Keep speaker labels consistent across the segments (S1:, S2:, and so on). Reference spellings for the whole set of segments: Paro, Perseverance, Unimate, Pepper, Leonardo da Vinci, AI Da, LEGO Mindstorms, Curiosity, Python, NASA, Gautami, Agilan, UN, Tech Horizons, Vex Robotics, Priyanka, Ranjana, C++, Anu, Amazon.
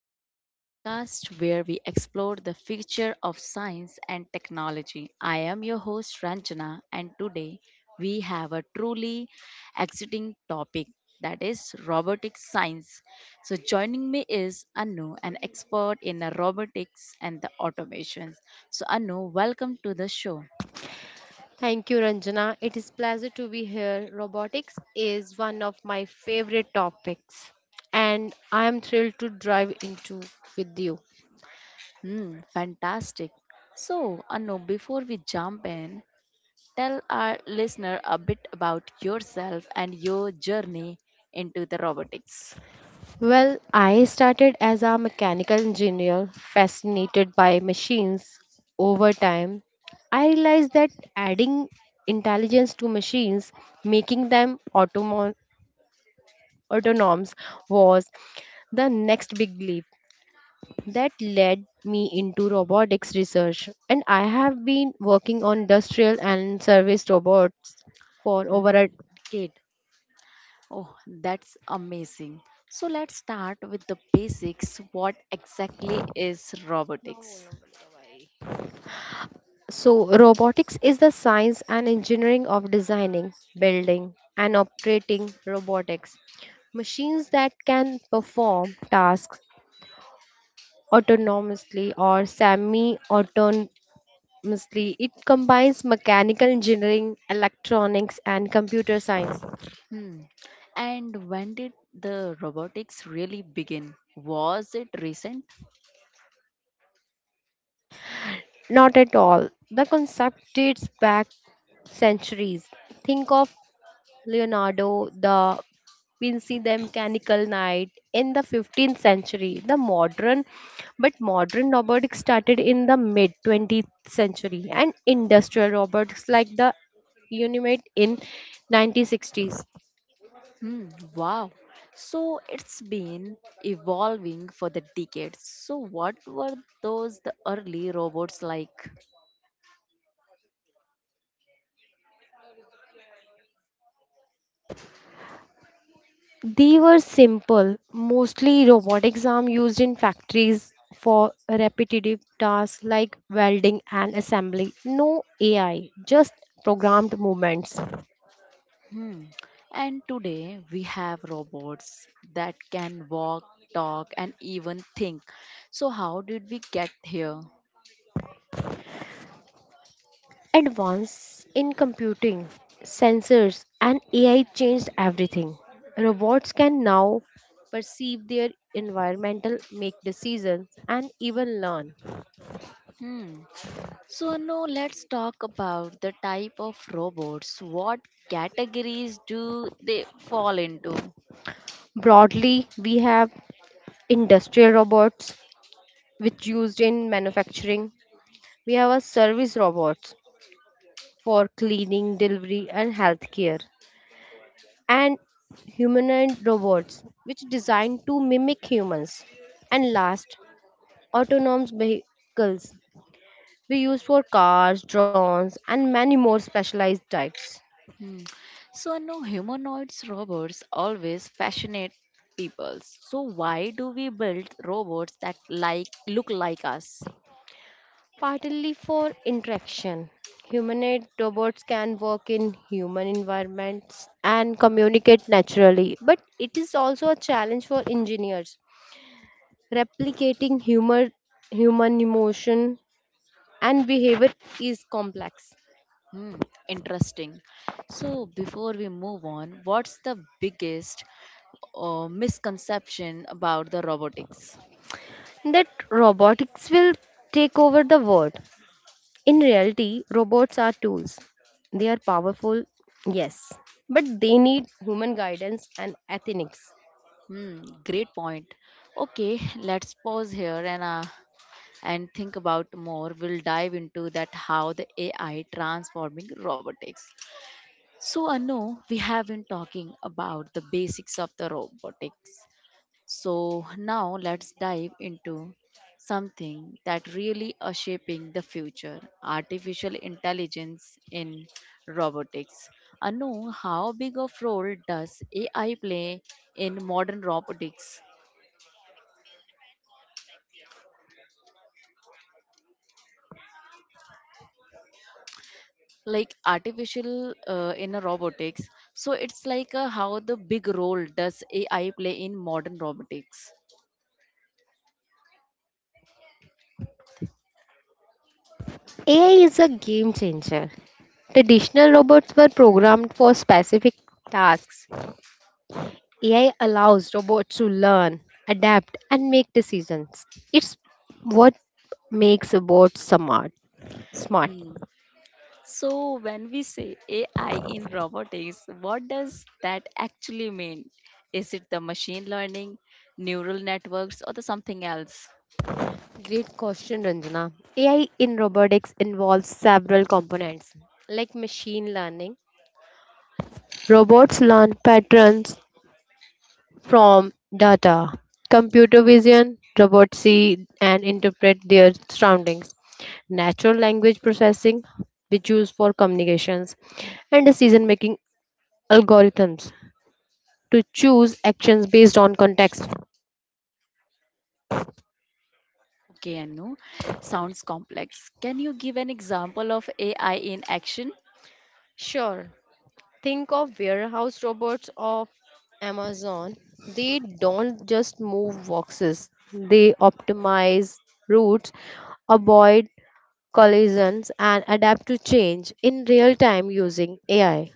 S1: Horizons, the podcast where we explore the future of science and technology. I am your host Ranjana, and today we have a truly exciting topic, that is robotic science. So, joining me is Anu, an expert in the robotics and the automations. So, Anu, welcome to the show.
S2: Thank you, Ranjana. It is pleasure to be here. Robotics is one of my favorite topics, and I am thrilled to dive into with you.
S1: Fantastic. So, Anu, before we jump in, tell our listener a bit about yourself and your journey into the robotics.
S2: Well, I started as a mechanical engineer, fascinated by machines. Over time, I realized that adding intelligence to machines, making them autonomous, was the next big leap. That led me into robotics research, and I have been working on industrial and service robots for over a decade.
S1: Oh, that's amazing. So let's start with the basics. What exactly is robotics?
S2: So robotics is the science and engineering of designing, building, and operating robotics machines that can perform tasks autonomously or semi autonomously. It combines mechanical engineering, electronics, and computer science.
S1: Hmm. And when did the robotics really begin? Was it recent?
S2: Not at all. The concept dates back centuries. Think of Leonardo da Vinci, the mechanical knight in the 15th century. But modern robotics started in the mid 20th century, and industrial robotics like the Unimate in 1960s.
S1: Hmm, wow. So it's been evolving for the decades. So what were those the early robots like?
S2: They were simple, mostly robotics arm used in factories for repetitive tasks like welding and assembly. No AI, just programmed movements.
S1: Hmm. And today we have robots that can walk, talk, and even think. So, how did we get here?
S2: Advance in computing, sensors, and AI changed everything. Robots can now perceive their environmental, make decisions, and even learn.
S1: Hmm. So, now let's talk about the type of robots. What categories do they fall into?
S2: Broadly, we have industrial robots, which used in manufacturing. We have a service robots for cleaning, delivery, and healthcare, and humanoid robots which designed to mimic humans. And last, autonomous vehicles we use for cars, drones, and many more specialized types.
S1: Hmm. So, no humanoids robots always fascinate people. So, why do we build robots that like look like us?
S2: Partly for interaction, humanoid robots can work in human environments and communicate naturally, but it is also a challenge for engineers replicating humor, human emotion, and behavior is complex.
S1: Hmm, interesting. So, before we move on, what's the biggest misconception about the robotics?
S2: That robotics will take over the world. In reality, robots are tools. They are powerful, yes, but they need human guidance and ethics.
S1: Hmm, great point. Okay, let's pause here and and think about more. We'll dive into that how the AI transforming robotics. So, Anu, we have been talking about the basics of the robotics, so now let's dive into something that really are shaping the future artificial intelligence in robotics. Anu, how big of role does AI play in modern robotics? Like artificial in a robotics. So it's like how the big role does AI play in modern robotics?
S2: AI is a game changer. Traditional robots were programmed for specific tasks. AI allows robots to learn, adapt, and make decisions. It's what makes robots smart. Smart.
S1: Hmm. So, when we say AI in robotics, what does that actually mean? Is it the machine learning, neural networks, or the something else?
S2: Great question, Ranjana. AI in robotics involves several components like machine learning. Robots learn patterns from data, computer vision, robots see and interpret their surroundings, natural language processing, which used for communications, and decision making algorithms to choose actions based on context.
S1: Okay, Anu, sounds complex. Can you give an example of AI in action?
S2: Sure. Think of warehouse robots of Amazon. They don't just move boxes, they optimize routes, avoid collisions, and adapt to change in real time using AI.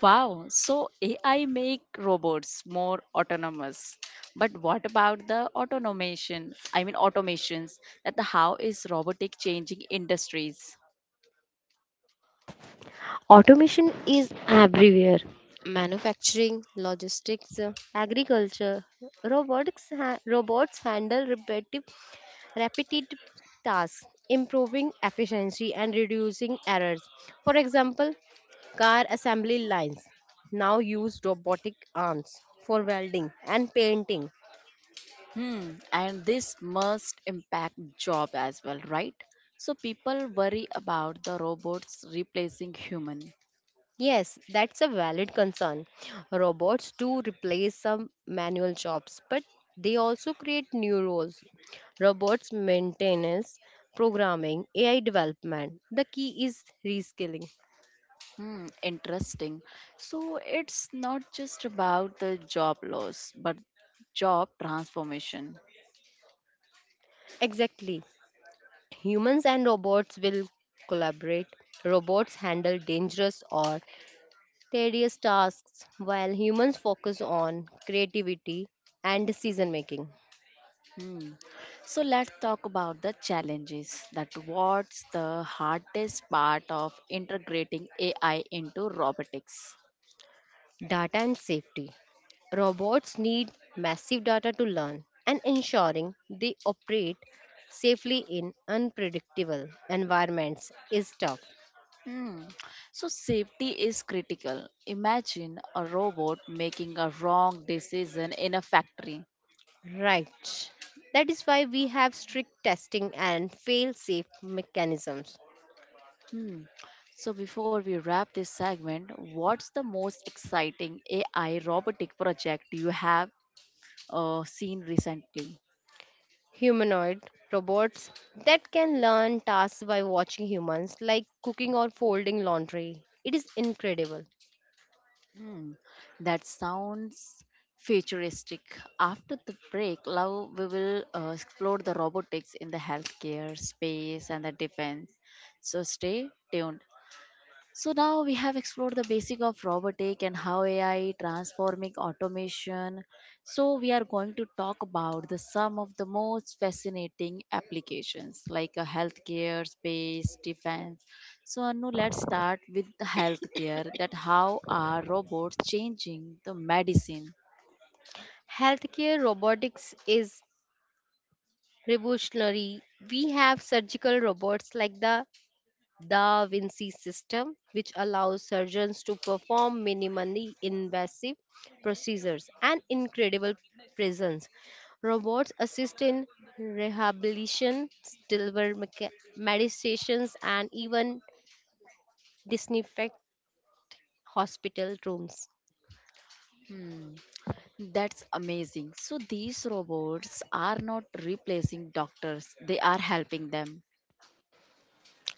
S1: Wow, so AI make robots more autonomous. But what about the automation? I mean automations that the how is robotic changing industries?
S2: Automation is everywhere: manufacturing, logistics, agriculture. Robots handle repetitive tasks, improving efficiency and reducing errors. For example, car assembly lines now use robotic arms for welding and painting.
S1: Hmm, and this must impact job as well, right? So people worry about the robots replacing human.
S2: Yes, that's a valid concern. Robots do replace some manual jobs, but they also create new roles. Robots maintenance, programming, AI development. The key is reskilling.
S1: Hmm, interesting. So it's not just about the job loss, but job transformation.
S2: Exactly. Humans and robots will collaborate. Robots handle dangerous or tedious tasks, while humans focus on creativity and decision making.
S1: Hmm. So let's talk about the challenges. That what's the hardest part of integrating AI into robotics?
S2: Data and safety. Robots need massive data to learn, and ensuring they operate safely in unpredictable environments is tough.
S1: Hmm. So, safety is critical. Imagine a robot making a wrong decision in a factory.
S2: Right. That is why we have strict testing and fail safe mechanisms.
S1: Hmm. So, before we wrap this segment, what's the most exciting AI robotic project you have seen recently?
S2: Humanoid robots that can learn tasks by watching humans, like cooking or folding laundry. It is incredible.
S1: Hmm. That sounds futuristic. After the break, now we will explore the robotics in the healthcare space and the defense. So, stay tuned. So now we have explored the basic of robotic and how AI transforming automation. So we are going to talk about the some of the most fascinating applications like a healthcare, space, defense. So Anu, let's start with the healthcare that how are robots changing the medicine?
S2: Healthcare robotics is revolutionary. We have surgical robots like the Da Vinci system, which allows surgeons to perform minimally invasive procedures and incredible presence. Robots assist in rehabilitation, deliver medications, and even disinfect hospital rooms.
S1: Hmm, that's amazing. So these robots are not replacing doctors, they are helping them.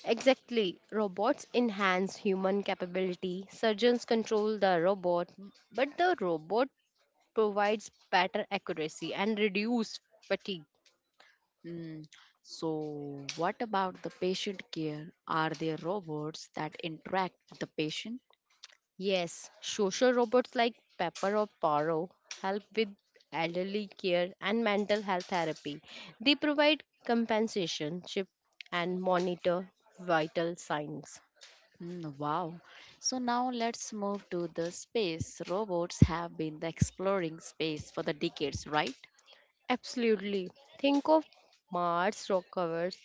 S2: Exactly, robots enhance human capability. Surgeons control the robot, but the robot provides better accuracy and reduce fatigue.
S1: Mm, So, what about the patient care? Are there robots that interact with the patient?
S2: Yes, social robots like Pepper or Paro help with elderly care and mental health therapy. They provide compensation chip and monitor vital signs.
S1: Mm, wow. So, now let's move to the space. Robots have been the exploring space for the decades, right?
S2: Absolutely. Think of Mars rock covers,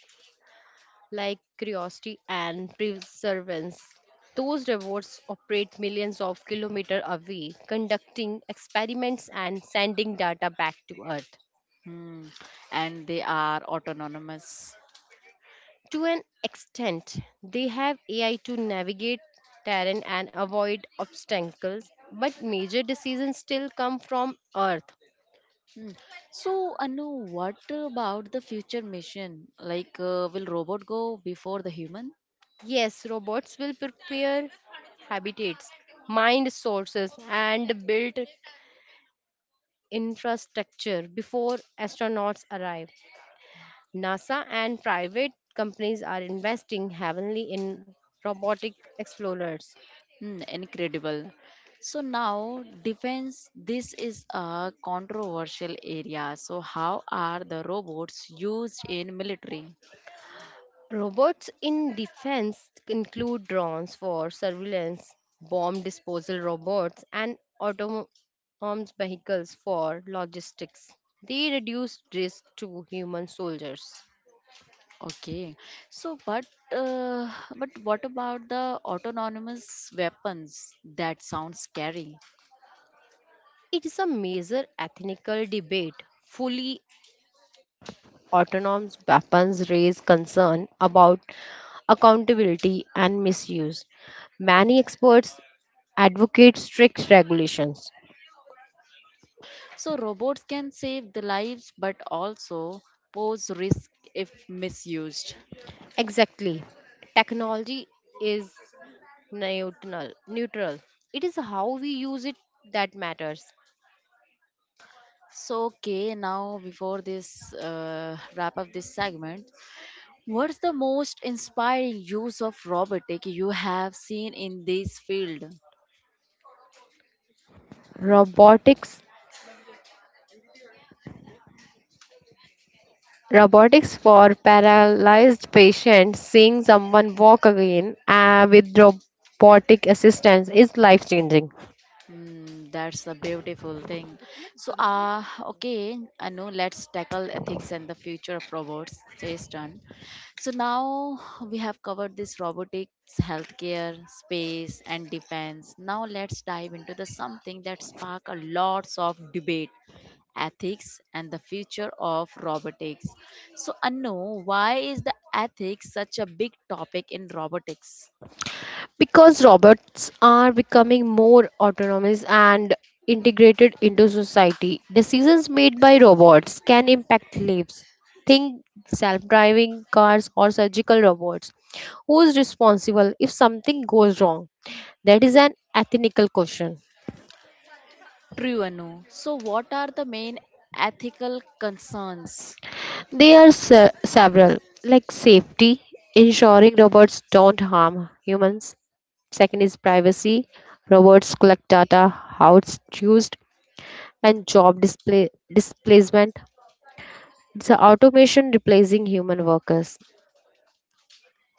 S2: like curiosity and perseverance. Those robots operate millions of kilometers away, conducting experiments and sending data back to Earth.
S1: Mm, and they are autonomous.
S2: To an extent, they have AI to navigate terrain and avoid obstacles, but major decisions still come from Earth.
S1: Mm. So, Anu, what about the future mission? Like, will robot go before the human?
S2: Yes, robots will prepare habitats, mine sources, and build infrastructure before astronauts arrive. NASA and private companies are investing heavily in robotic explorers.
S1: Hmm, incredible. So now defense this is a controversial area. So how are the robots used in military?
S2: Robots in defense include drones for surveillance, bomb disposal robots, and autonomous vehicles for logistics. They reduce risk to human soldiers.
S1: Okay. So but what about the autonomous weapons? That sounds scary.
S2: It is a major ethical debate. Fully autonomous weapons raise concern about accountability and misuse. Many experts advocate strict regulations.
S1: So robots can save the lives but also pose risk if misused.
S2: Exactly. Technology is neutral. Neutral. It is how we use it that matters.
S1: So, okay, now before this wrap up this segment, what's the most inspiring use of robotic you have seen in this field?
S2: Robotics robotics for paralyzed patients, seeing someone walk again with robotic assistance is life changing.
S1: Mm, that's a beautiful thing. So, okay, I know let's tackle ethics and the future of robots. Jay's turn. So, now we have covered this robotics, healthcare, space, and defense. Now, let's dive into the something that spark a lots of debate ethics and the future of robotics. So, Anu, why is the ethics such a big topic in robotics?
S2: Because robots are becoming more autonomous and integrated into society, decisions made by robots can impact lives. Think self driving cars or surgical robots. Who is responsible if something goes wrong? That is an ethical question.
S1: True, Anu. So, what are the main ethical concerns?
S2: There are several, like safety, ensuring robots don't harm humans. Second is privacy. Robots collect data, how it's used, and job displacement. It's a automation replacing human workers.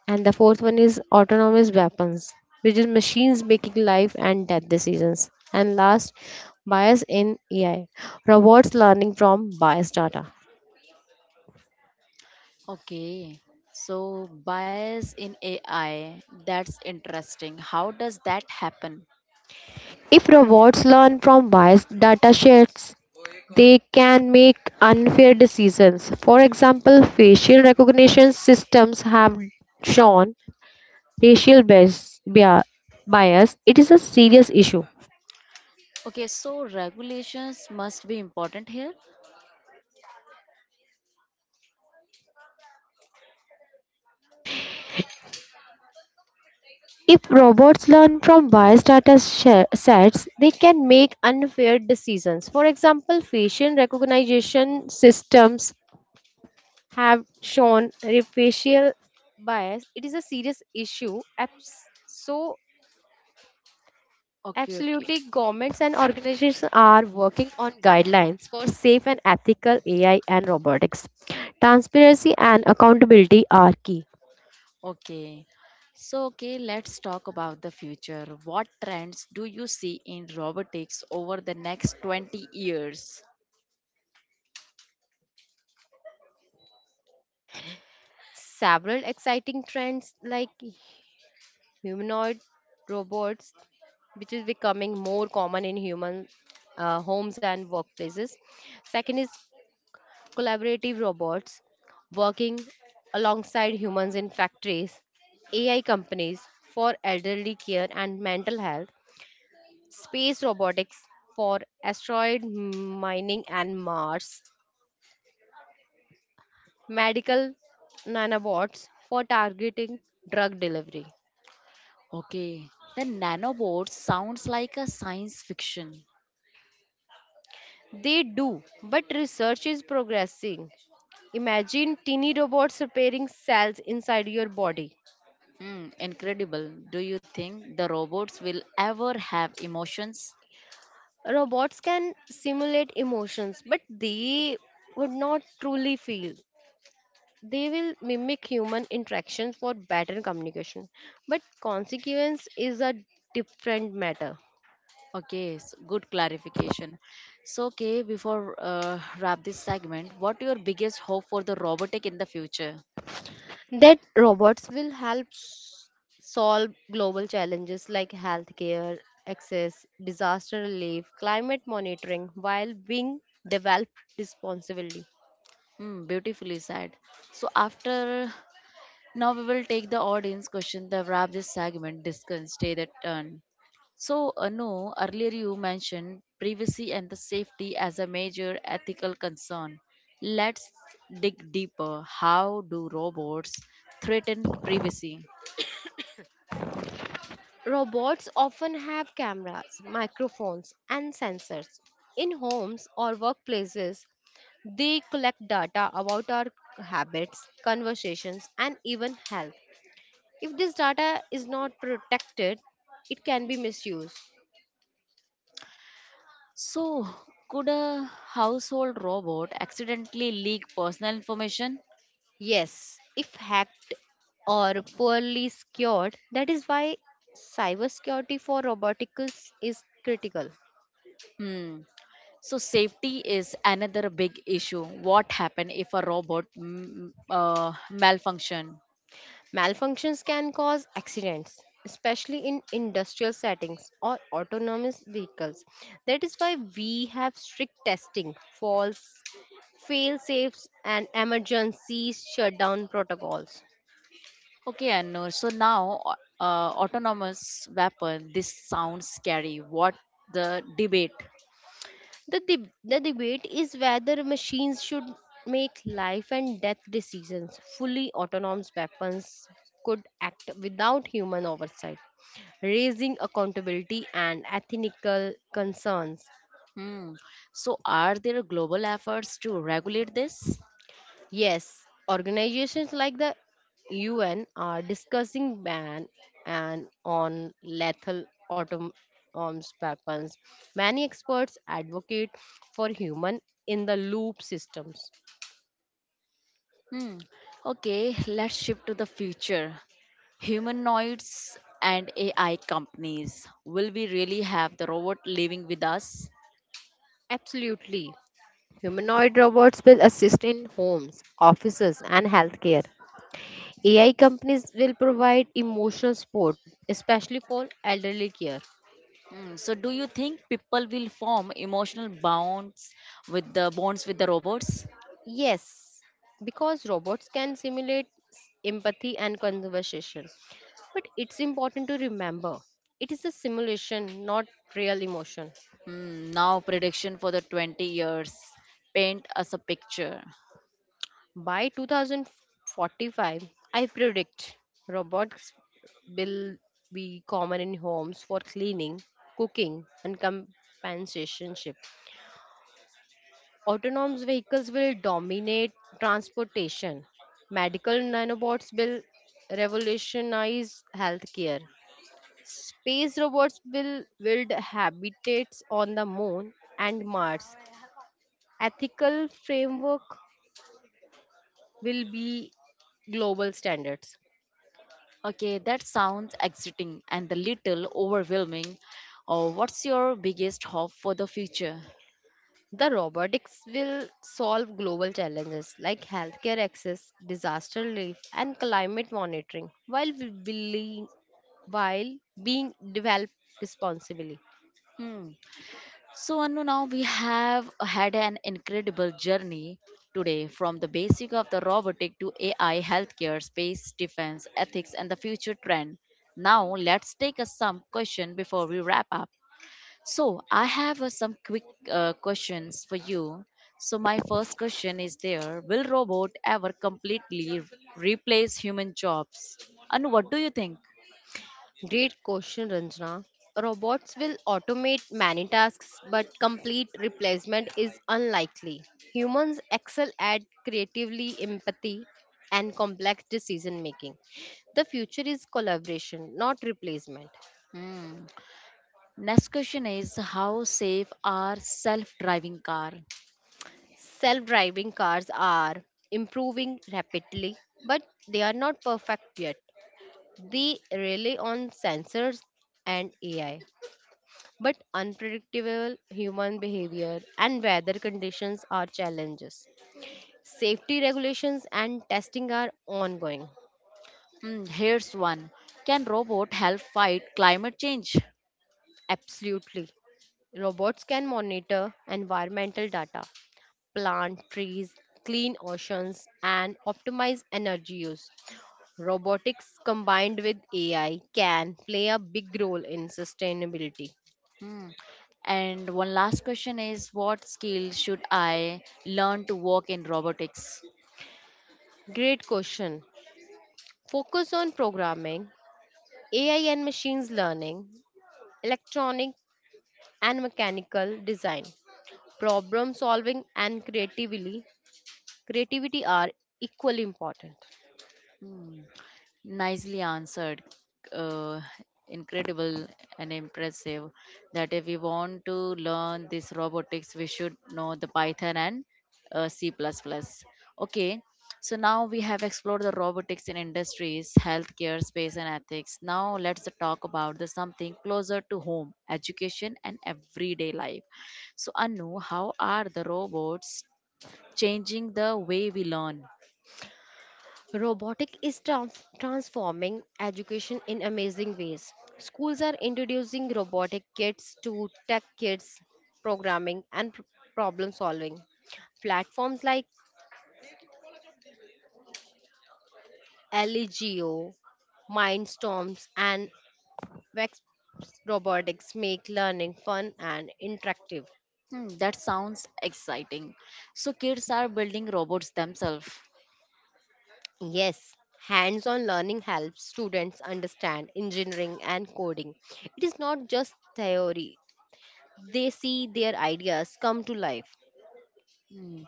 S2: And the fourth one is autonomous weapons, which is machines making life and death decisions. And last, bias in AI, robots learning from biased data.
S1: Okay. So, bias in AI, that's interesting. How does that happen?
S2: If robots learn from biased data sets, they can make unfair decisions. For example, facial recognition systems have shown racial bias, bias, it is a serious issue.
S1: Okay, so regulations must be important here.
S2: If robots learn from biased data sets, they can make unfair decisions. For example, facial recognition systems have shown facial bias. It is a serious issue. So,
S1: Okay, okay.
S2: absolutely, governments and organizations are working on guidelines for safe and ethical AI and robotics. Transparency and accountability are key.
S1: Okay. So, okay, let's talk about the future. What trends do you see in robotics over the next 20 years?
S2: Several exciting trends like humanoid robots, which is becoming more common in human homes and workplaces. Second is collaborative robots working alongside humans in factories, AI companies for elderly care and mental health, space robotics for asteroid mining and Mars, medical nanobots for targeting drug delivery.
S1: Okay. The nanobot sounds like a science fiction.
S2: They do, but research is progressing. Imagine teeny robots repairing cells inside your body.
S1: Hmm, incredible. Do you think the robots will ever have emotions?
S2: Robots can simulate emotions, but they would not truly feel. They will mimic human interactions for better communication. But consequence is a different matter.
S1: Okay, s good clarification. So, okay, before wrap this segment, what your biggest hope for the robotic in the future?
S2: That robots will help solve global challenges like healthcare access, disaster relief, climate monitoring while being developed responsibly.
S1: Hmm, beautifully said. So after now we will take the audience question, that wrap this segment, discuss, stay that turn. So, Anu, earlier you mentioned privacy and the safety as a major ethical concern. Let's dig deeper. How do robots threaten privacy?
S2: Robots often have cameras, microphones, and sensors. In homes or workplaces, they collect data about our habits, conversations, and even health. If this data is not protected, it can be misused.
S1: So, could a household robot accidentally leak personal information?
S2: Yes, if hacked or poorly secured, that is why cybersecurity for robotics is critical.
S1: Hmm. So safety is another big issue. What happen if a robot malfunction?
S2: Malfunctions can cause accidents, especially in industrial settings or autonomous vehicles. That is why we have strict testing, false fail safes, and emergency shutdown protocols.
S1: Okay, Anu. So now, autonomous weapon. This sounds scary. What the debate?
S2: The debate is whether machines should make life and death decisions. Fully autonomous weapons could act without human oversight, raising accountability and ethical concerns.
S1: Hmm. So, are there global efforts to regulate this?
S2: Yes, organizations like the UN are discussing ban and on lethal autonomous weapons. Many experts advocate for human in the loop systems.
S1: Hmm. Okay, let's shift to the future. Humanoids and AI companies. Will we really have the robot living with us?
S2: Absolutely. Humanoid robots will assist in homes, offices, and healthcare. AI companies will provide emotional support, especially for elderly care.
S1: Hmm. So, do you think people will form emotional bonds with the robots?
S2: Yes, because robots can simulate empathy and conversation. But it's important to remember it is a simulation, not real emotion.
S1: Hmm, now prediction for the 20 years. Paint us a picture.
S2: By 2045, I predict robots will be common in homes for cleaning, cooking, and companionship. Autonomous vehicles will dominate transportation. Medical nanobots will revolutionize healthcare. Space robots will build habitats on the moon and Mars. Ethical framework will be global standards.
S1: Okay, that sounds exciting and a little overwhelming. What's your biggest hope for the future?
S2: The robotics will solve global challenges like healthcare access, disaster relief, and climate monitoring while, we believe, while being developed responsibly.
S1: Hmm. So, Anu, now we have had an incredible journey today from the basic of the robotic to AI, healthcare, space, defense, ethics, and the future trend. Now, let's take a some question before we wrap up. So I have some quick questions for you. So my first question is there, will robot ever completely replace human jobs? And what do you think?
S2: Great question, Ranjana. Robots will automate many tasks, but complete replacement is unlikely. Humans excel at creatively empathy and complex decision making. The future is collaboration, not replacement.
S1: Hmm. Next question is how safe are self-driving car?
S2: Self driving cars are improving rapidly, but they are not perfect yet. They rely on sensors and AI, but unpredictable human behavior and weather conditions are challenges. Safety regulations and testing are ongoing.
S1: Hmm, here's one. Can robot help fight climate change?
S2: Absolutely. Robots can monitor environmental data, plant trees, clean oceans, and optimize energy use. Robotics combined with AI can play a big role in sustainability.
S1: Hmm. And one last question is what skill should I learn to work in robotics?
S2: Great question. Focus on programming, AI and machines learning, electronic and mechanical design. Problem solving and creativity are equally important.
S1: Hmm. Nicely answered. Uh, Incredible and impressive that if we want to learn this robotics, we should know the Python and C++. Okay, so now we have explored the robotics in industries, healthcare, space, and ethics. Now let's talk about the something closer to home, education, and everyday life. So, Anu, how are the robots changing the way we learn?
S2: Robotic is transforming education in amazing ways. Schools are introducing robotic kits to tech kids, programming, and problem solving. Platforms like LEGO, Mindstorms, and Vex Robotics make learning fun and interactive.
S1: Hmm, that sounds exciting. So kids are building robots themselves.
S2: Yes, hands on learning helps students understand engineering and coding. It is not just theory, they see their ideas come to life.
S1: Hmm.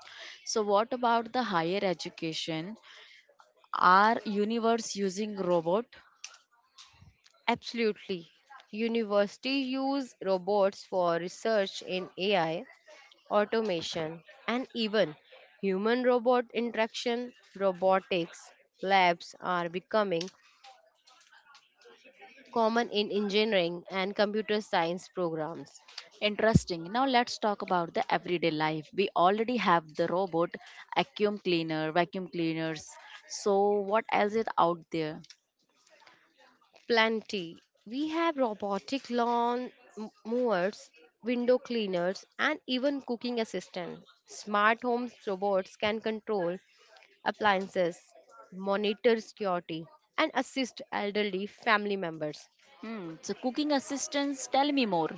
S1: So what about the higher education? Are universe using robot?
S2: Absolutely. Universities use robots for research in AI, automation, and even human robot interaction. Robotics labs are becoming common in engineering and computer science programs.
S1: Interesting. Now let's talk about the everyday life. We already have the vacuum cleaners. So what else is out there?
S2: Plenty. We have robotic lawn mowers, window cleaners, and even cooking assistants. Smart home robots can control appliances, monitor security, and assist elderly family members.
S1: Hmm. So cooking assistants, tell me more.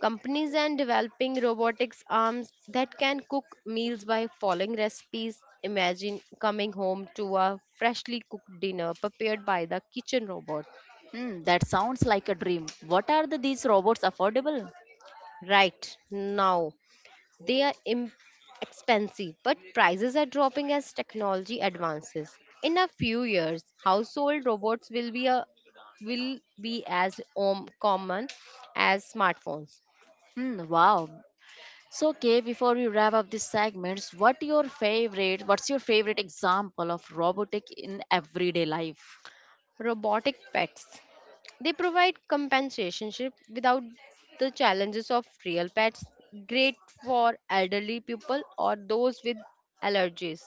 S2: Companies are developing robotics arms that can cook meals by following recipes. Imagine coming home to a freshly cooked dinner prepared by the kitchen robot.
S1: Hmm, that sounds like a dream. What are the, these robots affordable?
S2: Right now, they are expensive, but prices are dropping as technology advances. In a few years, household robots will be a will be as common as smartphones.
S1: Hmm, wow. So, Kay, before we wrap up these segments, What's your favorite example of robotic in everyday life?
S2: Robotic pets. They provide companionship without the challenges of real pets, great for elderly people or those with allergies.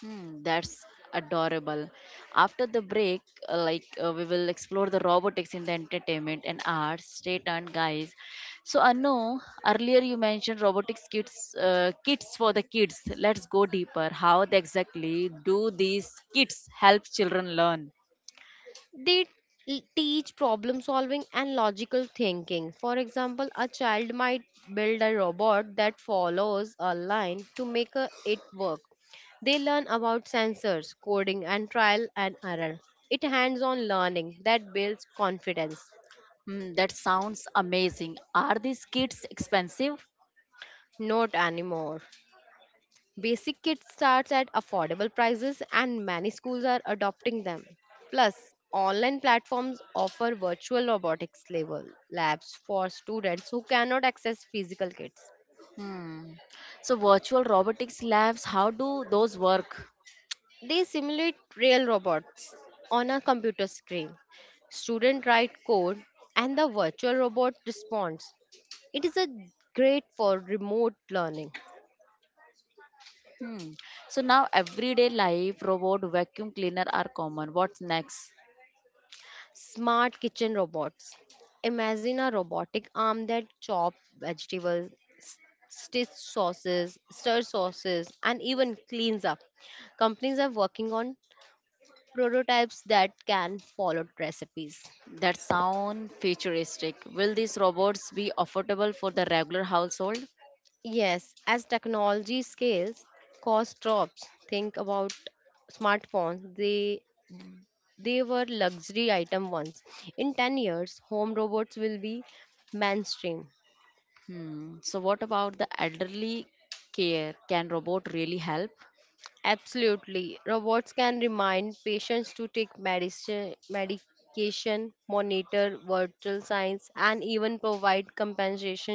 S1: Hmm, that's adorable. After the break, we will explore the robotics in the entertainment and arts. Stay tuned, guys. So, Anu, earlier you mentioned robotics kits, kits for the kids. Let's go deeper. How they exactly do these kits help children learn?
S2: They teach problem solving and logical thinking. For example, a child might build a robot that follows a line to make a, it work. They learn about sensors, coding, and trial and error. It hands on learning that builds confidence.
S1: Hmm, that sounds amazing. Are these kits expensive?
S2: Not anymore. Basic kit starts at affordable prices, and many schools are adopting them. Plus, online platforms offer virtual robotics level labs for students who cannot access physical kits.
S1: Hmm. So virtual robotics labs, how do those work?
S2: They simulate real robots on a computer screen. Students write code and the virtual robot responds. It is a great for remote learning.
S1: Hmm. So now everyday life, robot, vacuum cleaner are common. What's next?
S2: Smart kitchen robots. Imagine a robotic arm that chops vegetables, s- stitch sauces, stir sauces, and even cleans up. Companies are working on prototypes that can follow recipes.
S1: That sound futuristic. Will these robots be affordable for the regular household?
S2: Yes, as technology scales, cost drops. Think about smartphones. They were luxury item once. In 10 years, home robots will be mainstream.
S1: Hmm. So what about the elderly care? Can robot really help?
S2: Absolutely. Robots can remind patients to take medicine, medication, monitor vital signs, and even provide compensation.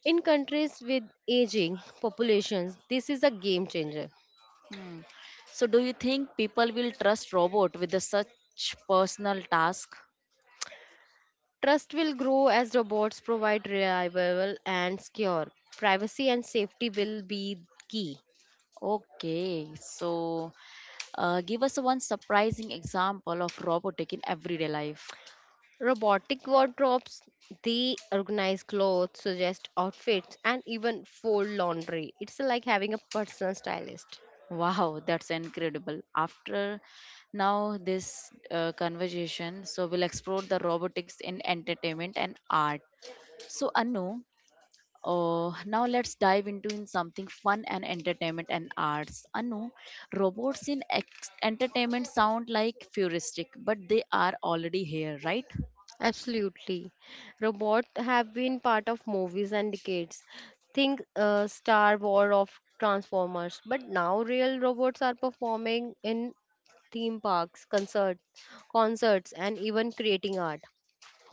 S2: In countries with aging populations, this is a game changer.
S1: Hmm. So do you think people will trust robot with the such personal task?
S2: Trust will grow as robots provide reliable and secure. Privacy and safety will be key.
S1: Okay, so give us one surprising example of robotic in everyday life.
S2: Robotic wardrobes, they organize clothes, suggest outfits, and even fold laundry. It's like having a personal stylist.
S1: Wow, that's incredible. After now this conversation, so we'll explore the robotics in entertainment and art. So Anu, now let's dive into in something fun and entertainment and arts. Anu, robots in entertainment sound like futuristic, but they are already here, right?
S2: Absolutely. Robots have been part of movies and decades. Think Star Wars of Transformers. But now real robots are performing in theme parks, concerts and even creating art.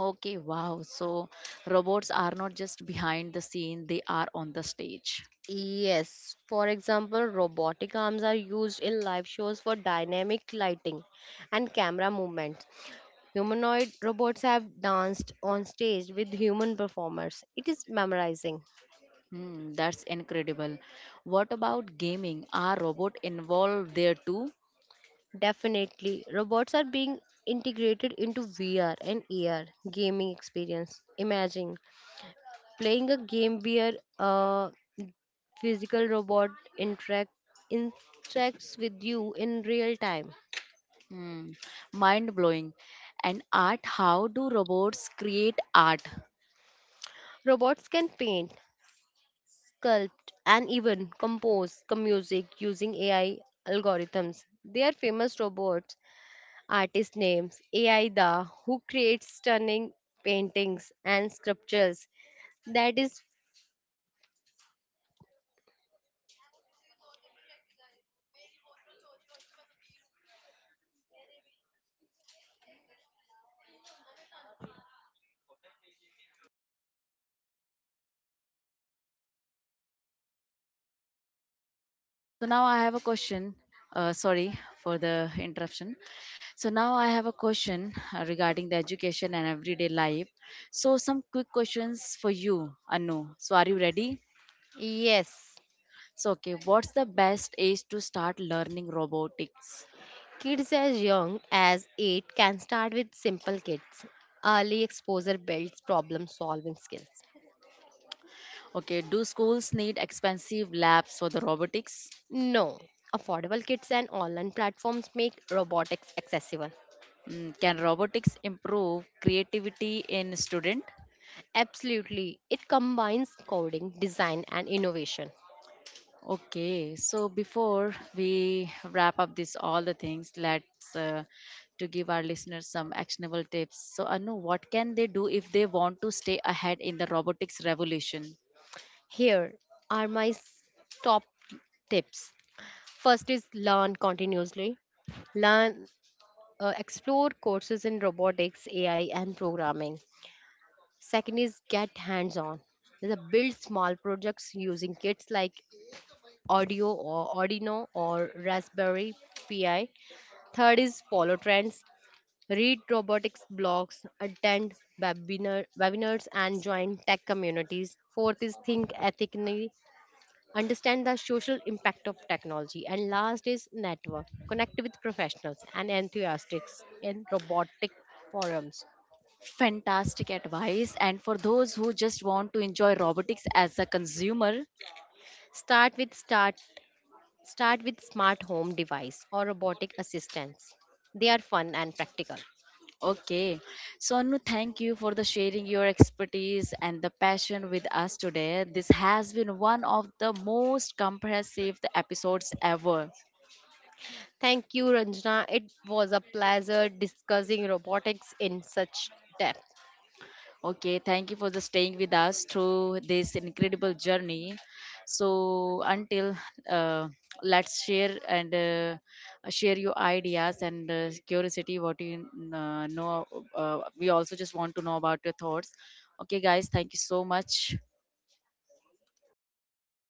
S1: Okay, wow. So robots are not just behind the scene, they are on the stage.
S2: Yes, for example, robotic arms are used in live shows for dynamic lighting and camera movements. Humanoid robots have danced on stage with human performers. It is memorizing.
S1: Hmm, that's incredible. What about gaming? Are robots involved there too?
S2: Definitely, robots are being integrated into VR and AR gaming experience. Imagine playing a game where a physical robot interact, interacts with you in real time.
S1: Hmm, mind blowing. And art, how do robots create art?
S2: Robots can paint, sculpt, and even compose music using AI algorithms. They are famous robots, artist names, AI Da, who creates stunning paintings and sculptures. That is,
S1: So now I have a question. Sorry for the interruption. So now I have a question regarding the education and everyday life. So some quick questions for you, Anu. So are you ready?
S2: yes.
S1: So, okay, what's the best age to start learning robotics?
S2: Kids as young as 8 can start with simple kits. Early exposure builds problem solving skills.
S1: Okay, do schools need expensive labs for the robotics?
S2: No, affordable kits and online platforms make robotics accessible.
S1: Mm, can robotics improve creativity in student?
S2: Absolutely, it combines coding, design, and innovation.
S1: Okay, so before we wrap up this all the things, let's to give our listeners some actionable tips. So, Anu, what can they do if they want to stay ahead in the robotics revolution?
S2: Here are my top tips. First is learn continuously. Learn, Explore courses in robotics, AI, and programming. Second is get hands on. There's a build small projects using kits like Audio or Arduino or Raspberry Pi. Third is follow trends. Read robotics blogs, attend webinars, and join tech communities. Fourth is think ethically, understand the social impact of technology. And last is network. Connect with professionals and enthusiasts in robotic forums.
S1: Fantastic advice, and for those who just want to enjoy robotics as a consumer.
S2: Start with start. Start with smart home device or robotic assistants. They are fun and practical.
S1: Okay. So, Anu, thank you for the sharing your expertise and the passion with us today. This has been one of the most comprehensive episodes ever.
S2: Thank you, Ranjana. It was a pleasure discussing robotics in such depth.
S1: Okay, thank you for the staying with us through this incredible journey. So, until uh, let's share and share your ideas and curiosity what you know. We also just want to know about your thoughts. Okay, guys, thank you so much.